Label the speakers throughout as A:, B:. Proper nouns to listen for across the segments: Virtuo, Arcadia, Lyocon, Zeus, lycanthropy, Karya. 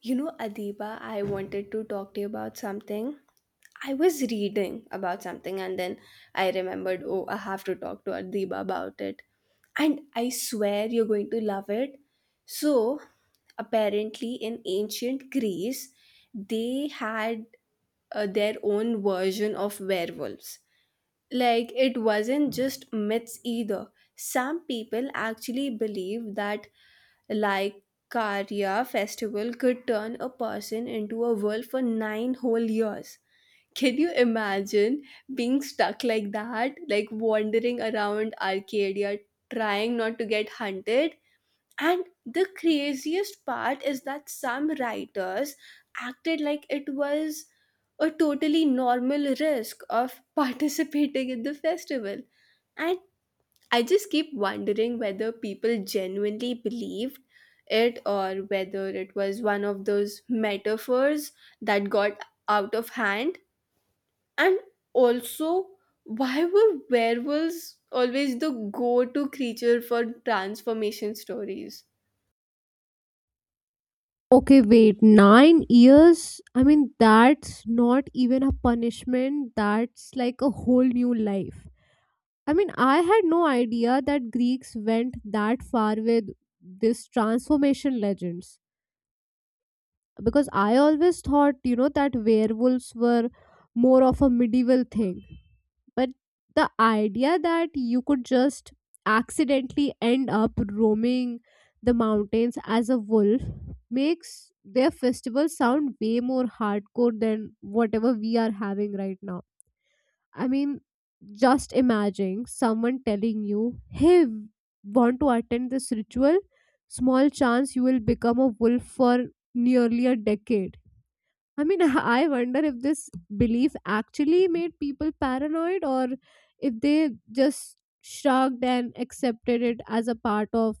A: You know, Adiba, I wanted to talk to you about something. I was reading about something and then I remembered, oh, I have to talk to Adiba about it. And I swear you're going to love it. So, apparently, in ancient Greece, they had their own version of werewolves. Like, it wasn't just myths either. Some people actually believe that like Karya festival could turn a person into a wolf for nine whole years. Can you imagine being stuck like that, like wandering around Arcadia, trying not to get hunted? And the craziest part is that some writers acted like it was a totally normal risk of participating in the festival. And I just keep wondering whether people genuinely believed it or whether it was one of those metaphors that got out of hand. And also, why were werewolves always the go to creature for transformation stories?
B: Okay, wait, 9 years? I mean, that's not even a punishment, that's like a whole new life. I mean, I had no idea that Greeks went that far with this transformation legends because I always thought, that werewolves were more of a medieval thing. But the idea that you could just accidentally end up roaming the mountains as a wolf makes their festival sound way more hardcore than whatever we are having right now. I mean, just imagine someone telling you, hey, want to attend this ritual? Small chance you will become a wolf for nearly a decade. I mean, I wonder if this belief actually made people paranoid or if they just shrugged and accepted it as a part of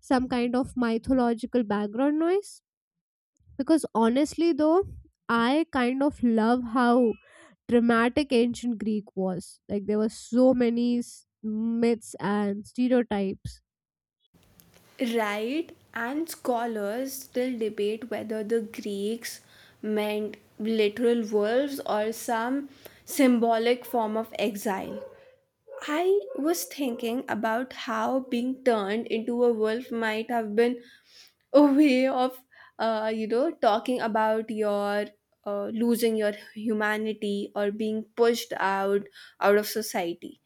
B: some kind of mythological background noise. Because honestly, though, I kind of love how dramatic ancient Greek was. Like, there were so many myths and stereotypes.
A: Right, and scholars still debate whether the Greeks meant literal wolves or some symbolic form of exile. I was thinking about how being turned into a wolf might have been a way of, talking about your losing your humanity or being pushed out of society.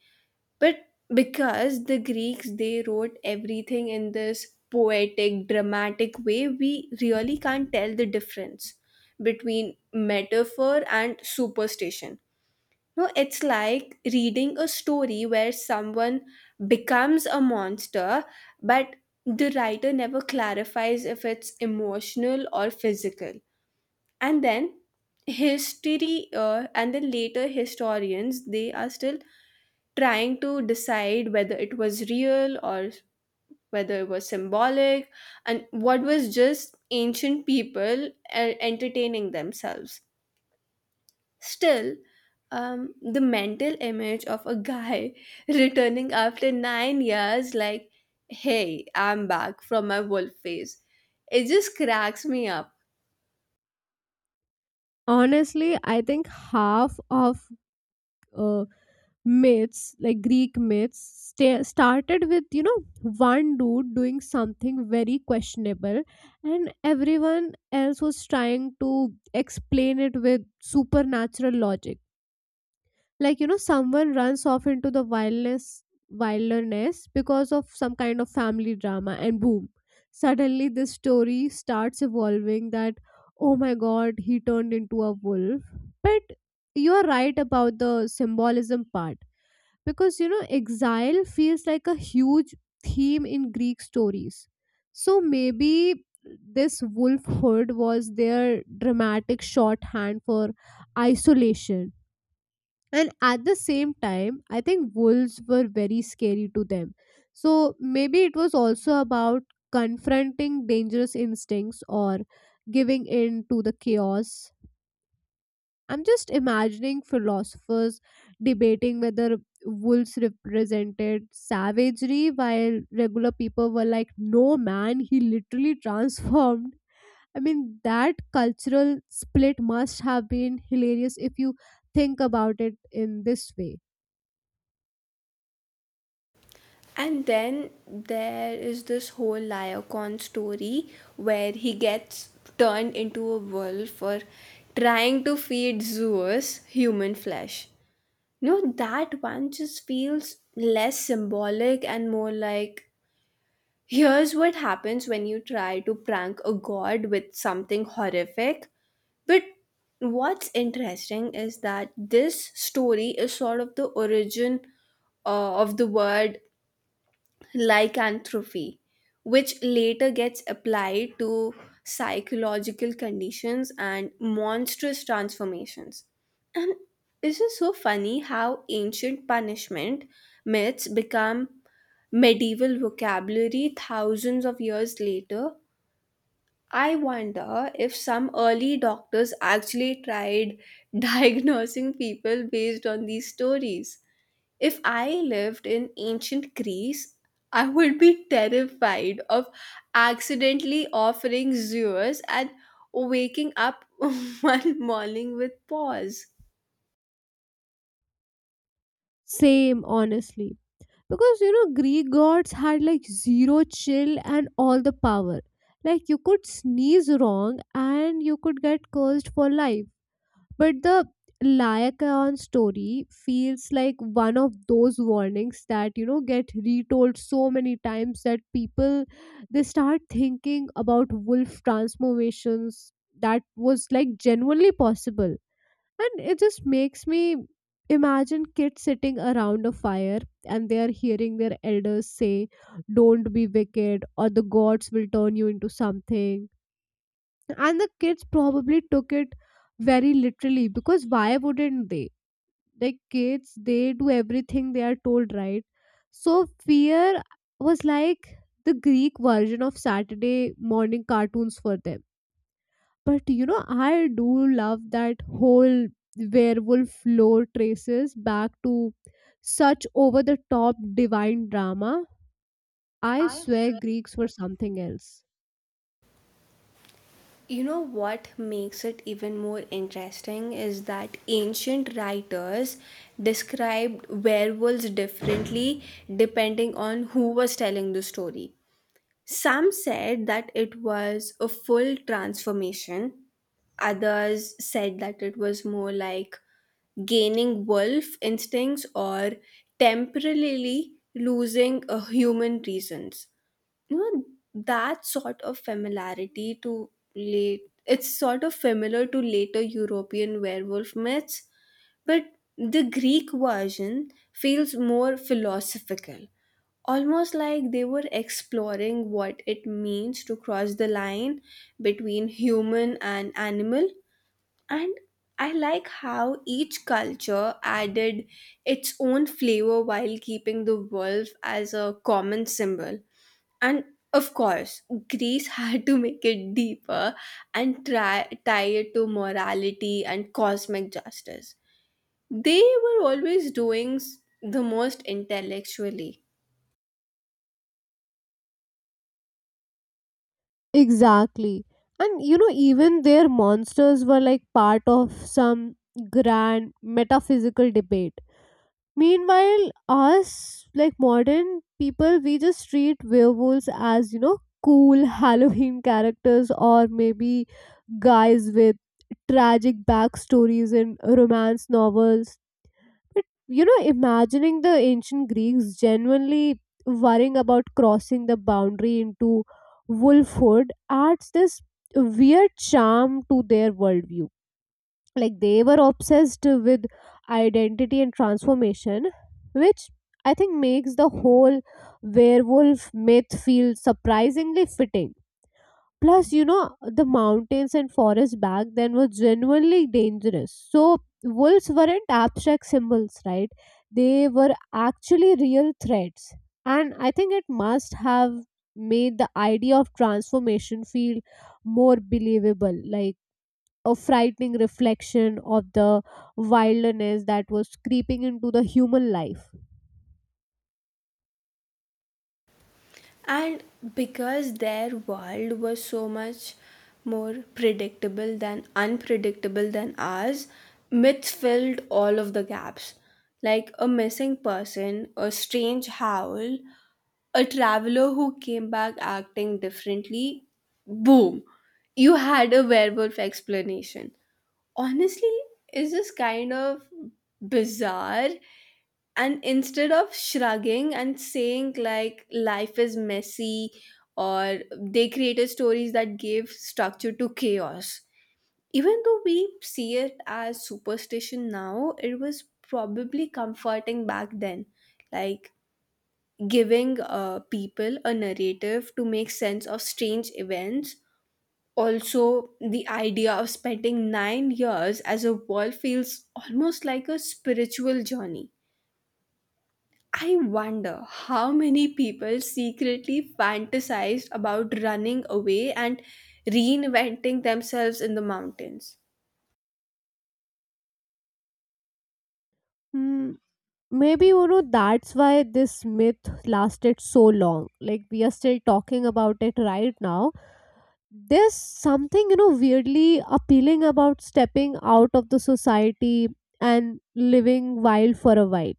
A: But because the Greeks they wrote everything in this poetic, dramatic way, we really can't tell the difference between metaphor and superstition. No, it's like reading a story where someone becomes a monster, but the writer never clarifies if it's emotional or physical. And then and then later historians, they are still trying to decide whether it was real or whether it was symbolic and what was just ancient people entertaining themselves. Still, the mental image of a guy returning after 9 years, like, hey, I'm back from my wolf phase, it just cracks me up.
B: Honestly, I think half of uh, myths, like Greek myths, started with one dude doing something very questionable, and everyone else was trying to explain it with supernatural logic, like someone runs off into the wildness wilderness because of some kind of family drama, and boom, suddenly this story starts evolving that oh my god, he turned into a wolf. But you are right about the symbolism part because exile feels like a huge theme in Greek stories. So maybe this wolf hood was their dramatic shorthand for isolation. And at the same time, I think wolves were very scary to them, so maybe it was also about confronting dangerous instincts or giving in to the chaos. I'm just imagining philosophers debating whether wolves represented savagery while regular people were like, no, man, he literally transformed. I mean, that cultural split must have been hilarious if you think about it in this way.
A: And then there is this whole Lyocon story where he gets turned into a wolf for trying to feed Zeus human flesh. No, that one just feels less symbolic and more like, here's what happens when you try to prank a god with something horrific. But what's interesting is that this story is sort of the origin of the word lycanthropy, which later gets applied to psychological conditions and monstrous transformations. And this is so funny how ancient punishment myths become medieval vocabulary thousands of years later. I wonder if some early doctors actually tried diagnosing people based on these stories. If I lived in ancient Greece, I would be terrified of accidentally offering zoos and waking up one morning with paws.
B: Same, honestly. Because, Greek gods had like zero chill and all the power. Like, you could sneeze wrong and you could get cursed for life. But the Lycaon story feels like one of those warnings that get retold so many times that people they start thinking about wolf transformations that was like genuinely possible. And it just makes me imagine kids sitting around a fire, and they are hearing their elders say, don't be wicked, or the gods will turn you into something. And the kids probably took it very literally because why wouldn't they, like kids, they do everything they are told, right? So fear was like the Greek version of Saturday morning cartoons for them. But I do love that whole werewolf lore traces back to such over the top divine drama. I
A: I
B: swear
A: swear.
B: Greeks were something else.
A: You know what makes it even more interesting is that ancient writers described werewolves differently depending on who was telling the story. Some said that it was a full transformation. Others said that it was more like gaining wolf instincts or temporarily losing a human reasons. You know, that sort of familiar to later European werewolf myths, but the Greek version feels more philosophical, almost like they were exploring what it means to cross the line between human and animal. And I like how each culture added its own flavor while keeping the wolf as a common symbol. And of course Greece had to make it deeper and tie it to morality and cosmic justice. They were always doing the most intellectually.
B: Exactly. And even their monsters were like part of some grand metaphysical debate. Meanwhile, us, like modern people, we just treat werewolves as, cool Halloween characters, or maybe guys with tragic backstories in romance novels. But imagining the ancient Greeks genuinely worrying about crossing the boundary into wolfhood adds this weird charm to their worldview. Like, they were obsessed with identity and transformation, which I think makes the whole werewolf myth feel surprisingly fitting. Plus the mountains and forests back then were genuinely dangerous, so wolves weren't abstract symbols, right? They were actually real threats, and I think it must have made the idea of transformation feel more believable, like a frightening reflection of the wilderness that was creeping into the human life.
A: And because their world was so much more predictable than unpredictable than ours, myths filled all of the gaps. Like a missing person, a strange howl, a traveler who came back acting differently, boom, you had a werewolf explanation. Honestly is just kind of bizarre. And instead of shrugging and saying, like, life is messy, or they created stories that gave structure to chaos. Even though we see it as superstition now, it was probably comforting back then, like giving people a narrative to make sense of strange events. Also, the idea of spending 9 years as a world feels almost like a spiritual journey. I wonder how many people secretly fantasized about running away and reinventing themselves in the mountains.
B: Hmm, maybe that's why this myth lasted so long, like we are still talking about it right now. There's something, weirdly appealing about stepping out of the society and living wild for a while.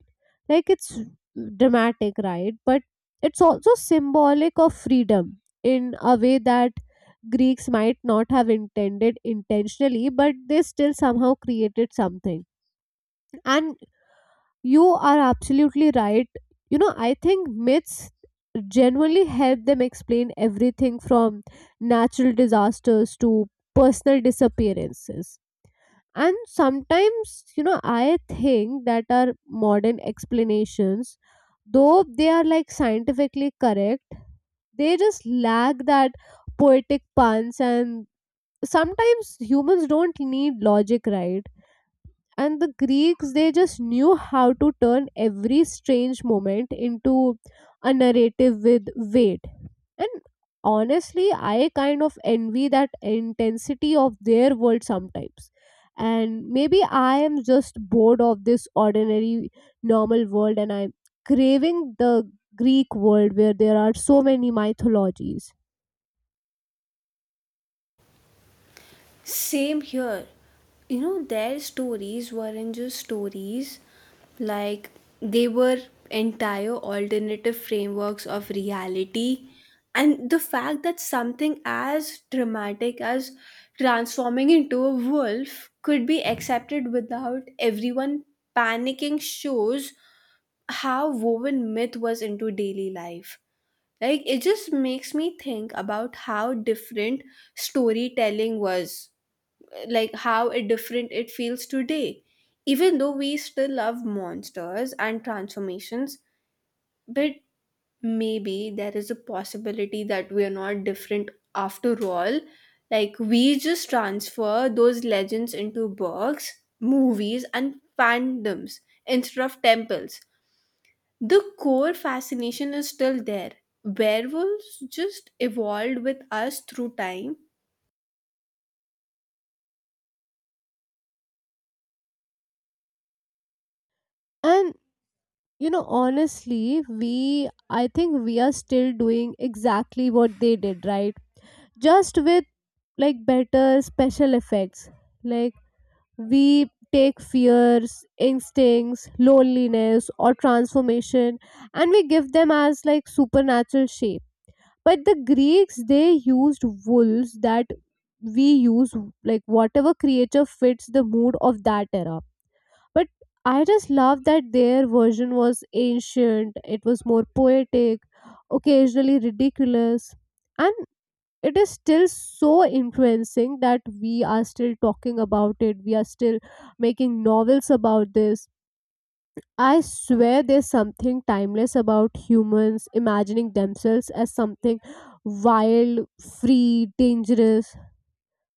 B: Like, it's dramatic, right? But it's also symbolic of freedom in a way that Greeks might not have intended intentionally, but they still somehow created something. And you are absolutely right. I think myths genuinely help them explain everything from natural disasters to personal disappearances. And sometimes, I think that our modern explanations, though they are like scientifically correct, they just lack that poetic puns. And sometimes humans don't need logic, right? And the Greeks, they just knew how to turn every strange moment into a narrative with weight. And honestly, I kind of envy that intensity of their world sometimes. And maybe I am just bored of this ordinary normal world, and I'm craving the Greek world where there are so many mythologies.
A: Same here. You know, their stories weren't just stories, like, they were entire alternative frameworks of reality. And the fact that something as dramatic as transforming into a wolf could be accepted without everyone panicking shows how woven myth was into daily life. Like, it just makes me think about how different storytelling was, like how it different it feels today, even though we still love monsters and transformations. But maybe there is a possibility that we are not different after all. Like, we just transfer those legends into books, movies, and fandoms instead of temples. The core fascination is still there. Werewolves just evolved with us through time.
B: And honestly, we, I think, we are still doing exactly what they did, right? Just with like better special effects. Like, we take fears, instincts, loneliness, or transformation, and we give them as like supernatural shape. But the Greeks, they used wolves that we use, like whatever creature fits the mood of that era. But I just love that their version was ancient, it was more poetic, occasionally ridiculous. And it is still so influencing that we are still talking about it, we are still making novels about this. I swear there's something timeless about humans imagining themselves as something wild, free, dangerous.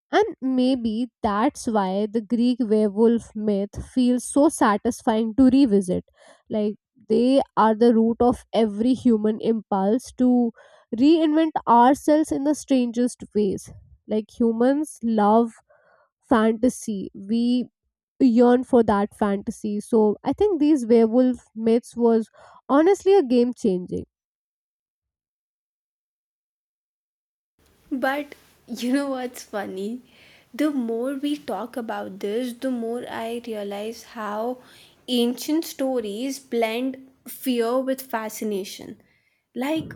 B: And maybe that's why the Greek werewolf myth feels so satisfying to revisit. Like, they are the root of every human impulse to reinvent ourselves in the strangest ways. Like, humans love fantasy. We yearn for that fantasy. So, I think these werewolf myths was honestly a game changing.
A: But you know what's funny? The more we talk about this, the more I realize how ancient stories blend fear with fascination. Like,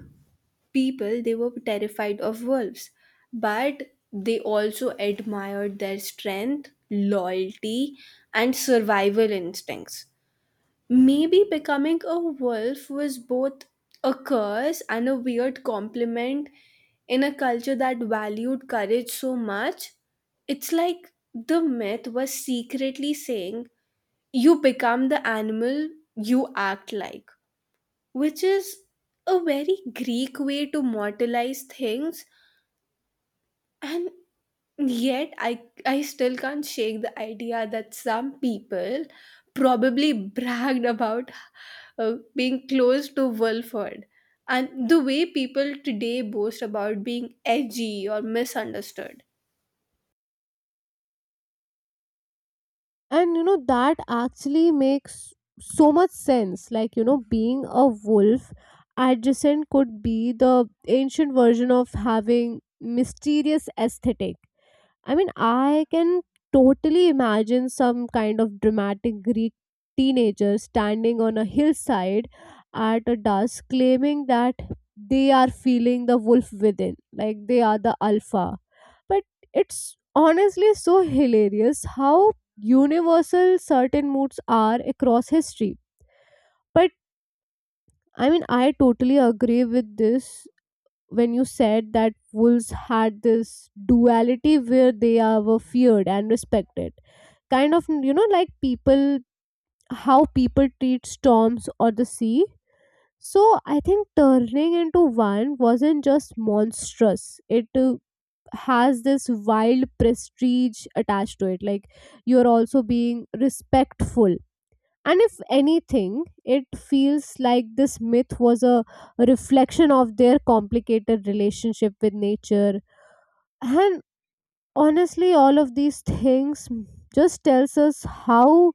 A: people, they were terrified of wolves, but they also admired their strength, loyalty, and survival instincts. Maybe becoming a wolf was both a curse and a weird compliment in a culture that valued courage so much. It's like the myth was secretly saying, you become the animal you act like, which is a very Greek way to mortalize things. And yet, I still can't shake the idea that some people probably bragged about being close to Wilford. And the way people today boast about being edgy or misunderstood.
B: And that actually makes so much sense. Like, being a wolf adjacent could be the ancient version of having mysterious aesthetic. I mean, I can totally imagine some kind of dramatic Greek teenager standing on a hillside at a dusk claiming that they are feeling the wolf within, like they are the alpha. But it's honestly so hilarious how universal certain moods are across history. But I mean, I totally agree with this when you said that wolves had this duality where were feared and respected, kind of like people, how people treat storms or the sea. So I think turning into one wasn't just monstrous, it has this wild prestige attached to it, like you're also being respectful. And if anything, it feels like this myth was a reflection of their complicated relationship with nature. And honestly, all of these things just tells us how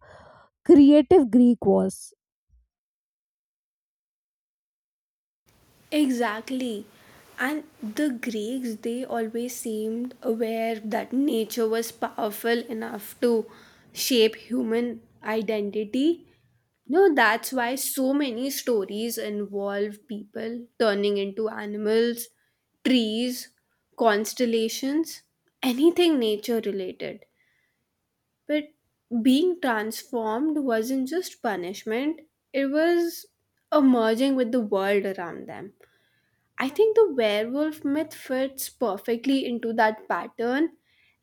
B: creative Greek was.
A: Exactly. And the Greeks, they always seemed aware that nature was powerful enough to shape human identity. No, that's why so many stories involve people turning into animals, trees, constellations, anything nature related. But being transformed wasn't just punishment, it was a merging with the world around them. I think the werewolf myth fits perfectly into that pattern,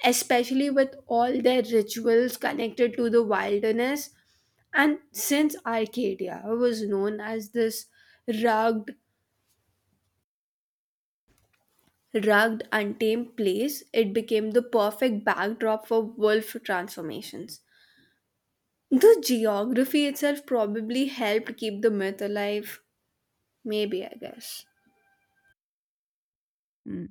A: especially with all their rituals connected to the wilderness. And since Arcadia was known as this rugged, untamed place, it became the perfect backdrop for wolf transformations. The geography itself probably helped keep the myth alive. Maybe, I guess.
B: Mm.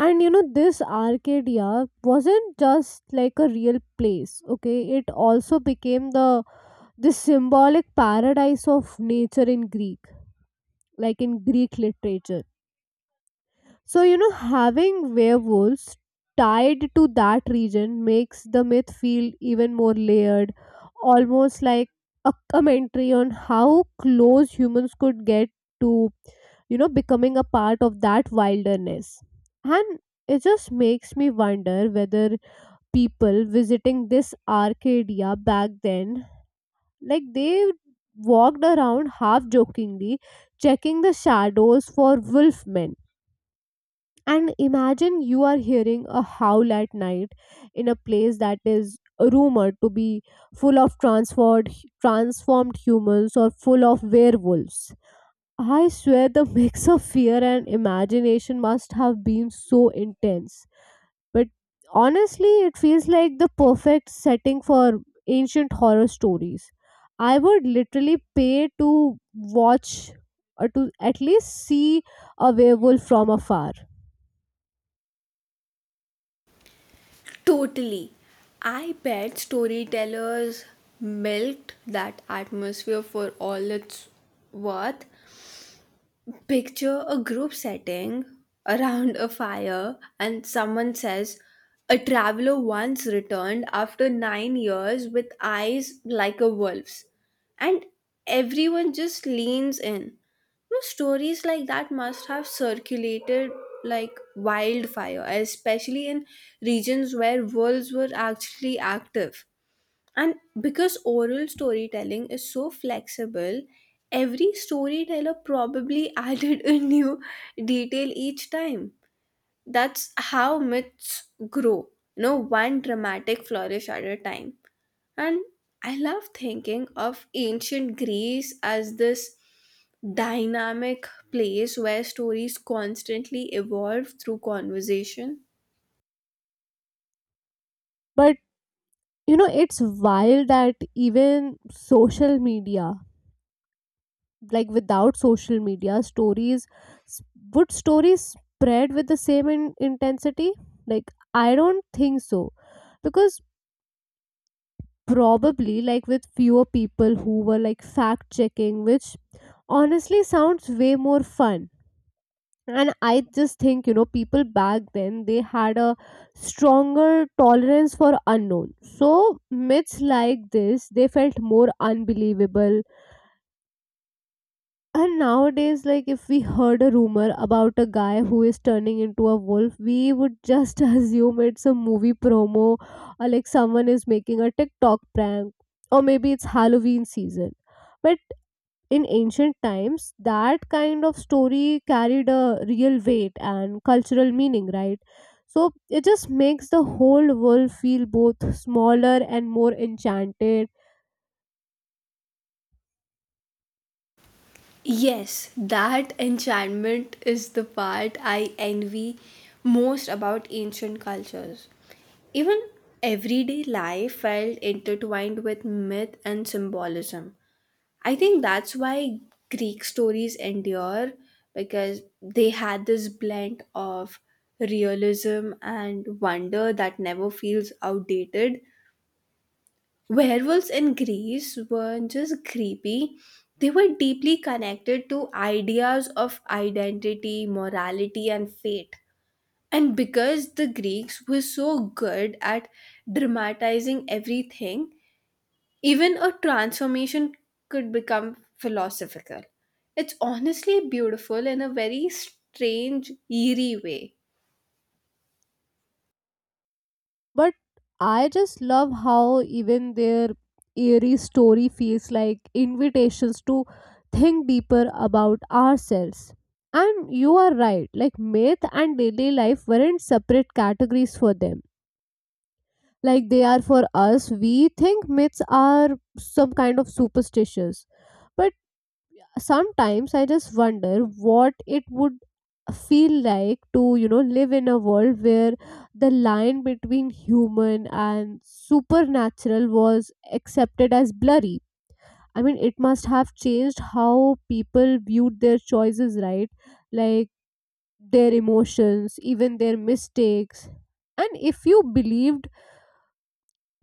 B: And this Arcadia wasn't just like a real place, okay? It also became the this symbolic paradise of nature in Greek, like in Greek literature. So, having werewolves tied to that region makes the myth feel even more layered, almost like a commentary on how close humans could get to, becoming a part of that wilderness. And it just makes me wonder whether people visiting this Arcadia back then, like they walked around half jokingly, checking the shadows for wolfmen, and imagine you are hearing a howl at night in a place that is rumored to be full of transformed humans or full of werewolves. I swear the mix of fear and imagination must have been so intense. But honestly, it feels like the perfect setting for ancient horror stories. I would literally pay to watch, or to at least see a werewolf from afar.
A: Totally. I bet storytellers milked that atmosphere for all it's worth. Picture a group setting around a fire, and someone says, a traveler once returned after 9 years with eyes like a wolf's. And everyone just leans in. No, stories like that must have circulated like wildfire, especially in regions where wolves were actually active. And because oral storytelling is so flexible, every storyteller probably added a new detail each time. That's how myths grow, you know, one dramatic flourish at a time. And I love thinking of ancient Greece as this dynamic place where stories constantly evolve through conversation.
B: But it's wild that even social media, like without social media, stories would stories spread with the same intensity? Like, I don't think so because probably like with fewer people who were like fact checking, which honestly sounds way more fun. And I just think, people back then they had a stronger tolerance for unknown, so myths like this they felt more unbelievable. And nowadays, like if we heard a rumor about a guy who is turning into a wolf, we would just assume it's a movie promo, or like someone is making a TikTok prank, or maybe it's Halloween season. But in ancient times that kind of story carried a real weight and cultural meaning, right? So it just makes the whole world feel both smaller and more enchanted.
A: Yes, that enchantment is the part I envy most about ancient cultures. Even everyday life felt intertwined with myth and symbolism. I think that's why Greek stories endure, because they had this blend of realism and wonder that never feels outdated. Werewolves in Greece weren't just creepy, they were deeply connected to ideas of identity, morality, and fate. And because the Greeks were so good at dramatizing everything, even a transformation could become philosophical. It's honestly beautiful in a very strange, eerie way.
B: But I just love how even their eerie story feels like invitations to think deeper about ourselves. And you are right, like myth and daily life weren't separate categories for them, like they are for us. We think myths are some kind of superstitious. But sometimes I just wonder what it would feel like to, live in a world where the line between human and supernatural was accepted as blurry. I mean, it must have changed how people viewed their choices, right? Like, their emotions, even their mistakes. And if you believed,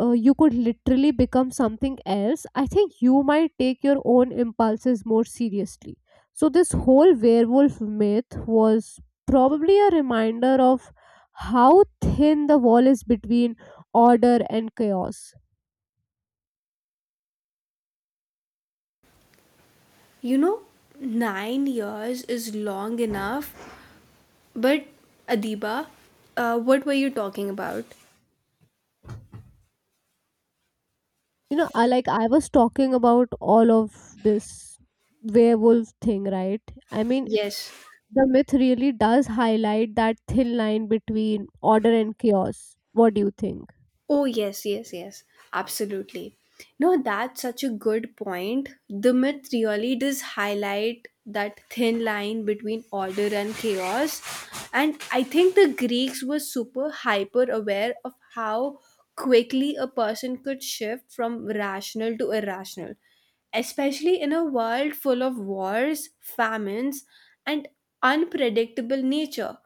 B: you could literally become something else, I think you might take your own impulses more seriously. So, this whole werewolf myth was probably a reminder of how thin the wall is between order and chaos.
A: You know, 9 years is long enough. But Adiba, what were you talking about?
B: I was talking about all of this werewolf thing, right? I mean,
A: Yes.
B: the myth really does highlight that thin line between order and chaos. What do you think?
A: Oh, yes, yes, yes. Absolutely. No, that's such a good point. The myth really does highlight that thin line between order and chaos. And I think the Greeks were super hyper aware of how quickly a person could shift from rational to irrational, especially in a world full of wars, famines, and unpredictable nature.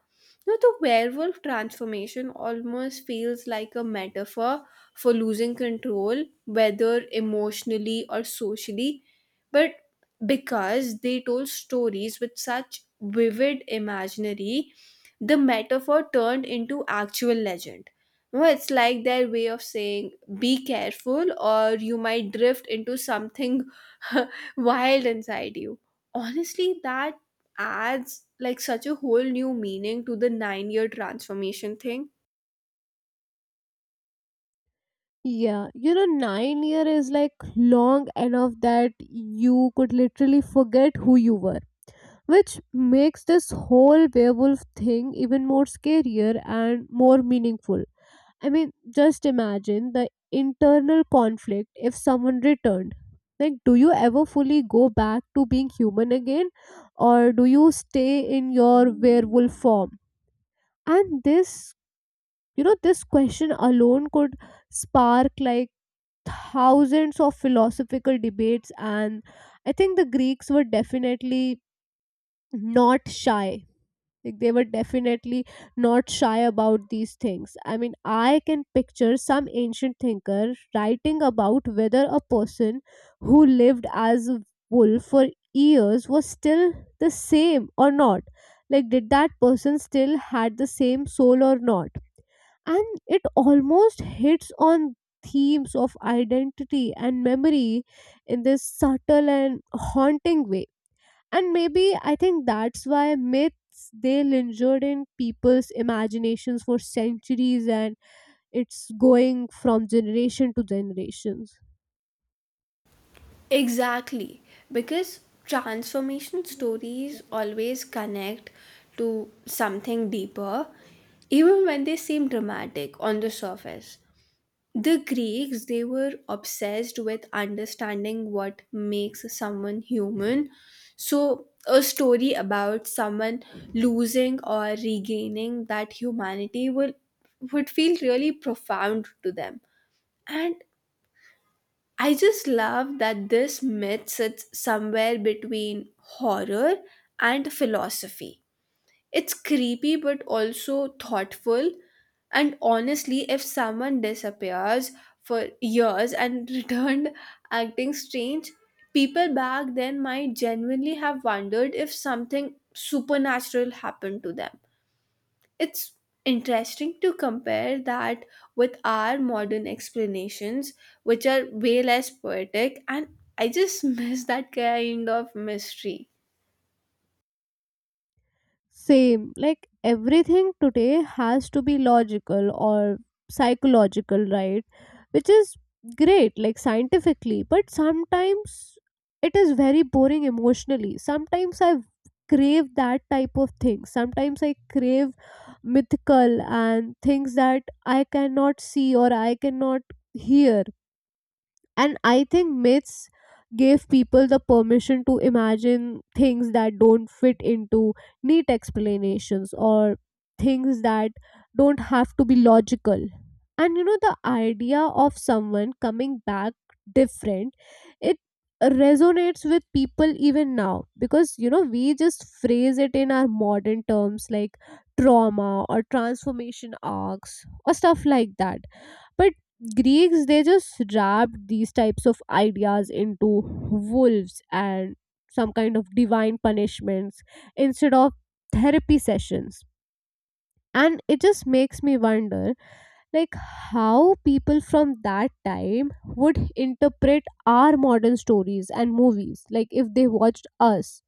A: Now, the werewolf transformation almost feels like a metaphor for losing control, whether emotionally or socially, but because they told stories with such vivid imaginary, the metaphor turned into actual legend. No, it's like their way of saying, be careful, or you might drift into something wild inside you. Honestly, that adds like such a whole new meaning to the 9-year transformation thing.
B: Yeah, 9 year is like long enough that you could literally forget who you were, which makes this whole werewolf thing even more scarier and more meaningful. I mean, just imagine the internal conflict if someone returned. Like, do you ever fully go back to being human again, or do you stay in your werewolf form? And this question alone could spark like thousands of philosophical debates. And I think the Greeks were definitely not shy, like they were definitely not shy about these things. I mean, I can picture some ancient thinker writing about whether a person who lived as a wolf for years was still the same or not, like did that person still had the same soul or not. And it almost hits on themes of identity and memory in this subtle and haunting way. And maybe I think that's why myths they lingered in people's imaginations for centuries, and it's going from generation to generations.
A: Exactly, because transformation stories always connect to something deeper, even when they seem dramatic on the surface. The Greeks, they were obsessed with understanding what makes someone human. So, a story about someone losing or regaining that humanity will would feel really profound to them. And I just love that this myth sits somewhere between horror and philosophy. It's creepy but also thoughtful. And honestly, if someone disappears for years and returned acting strange, people back then might genuinely have wondered if something supernatural happened to them. It's interesting to compare that with our modern explanations, which are way less poetic, and I just miss that kind of mystery.
B: Same. Like, everything today has to be logical or psychological, right? Which is great, like scientifically, but sometimes it is very boring emotionally. Sometimes I crave that type of thing. Sometimes I crave mythical and things that I cannot see or I cannot hear. And I think myths gave people the permission to imagine things that don't fit into neat explanations, or things that don't have to be logical. And the idea of someone coming back different, it resonates with people even now because we just phrase it in our modern terms like trauma or transformation arcs or stuff like that. But Greeks they just wrapped these types of ideas into wolves and some kind of divine punishments instead of therapy sessions. And it just makes me wonder like how people from that time would interpret our modern stories and movies, like if they watched us.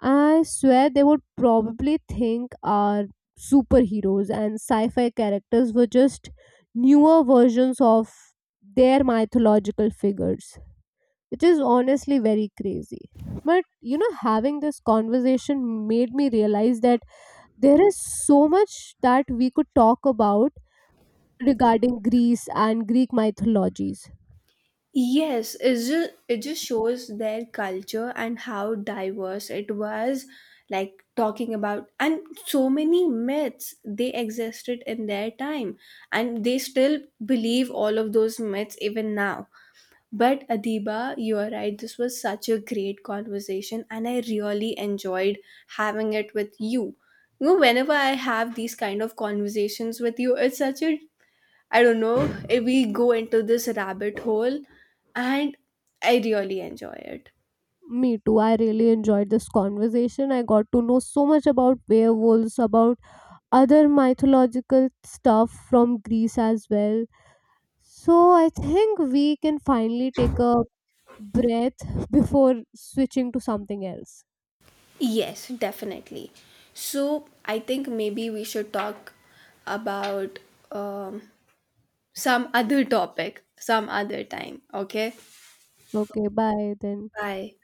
B: I swear they would probably think our superheroes and sci fi characters were just newer versions of their mythological figures, which is honestly very crazy. But having this conversation made me realize that there is so much that we could talk about regarding Greece and Greek mythologies.
A: Yes, it just shows their culture and how diverse it was. Like, talking about, and so many myths they existed in their time, and they still believe all of those myths even now. But Adiba, you are right, this was such a great conversation, and I really enjoyed having it with you. You know, whenever I have these kind of conversations with you, it's such a, I don't know, we go into this rabbit hole and I really enjoy it.
B: Me too. I really enjoyed this conversation. I got to know so much about werewolves, about other mythological stuff from Greece as well. So I think we can finally take a breath before switching to something else.
A: Yes, definitely. So I think maybe we should talk about um, some other topic, some other time, okay?
B: Okay, bye then.
A: Bye.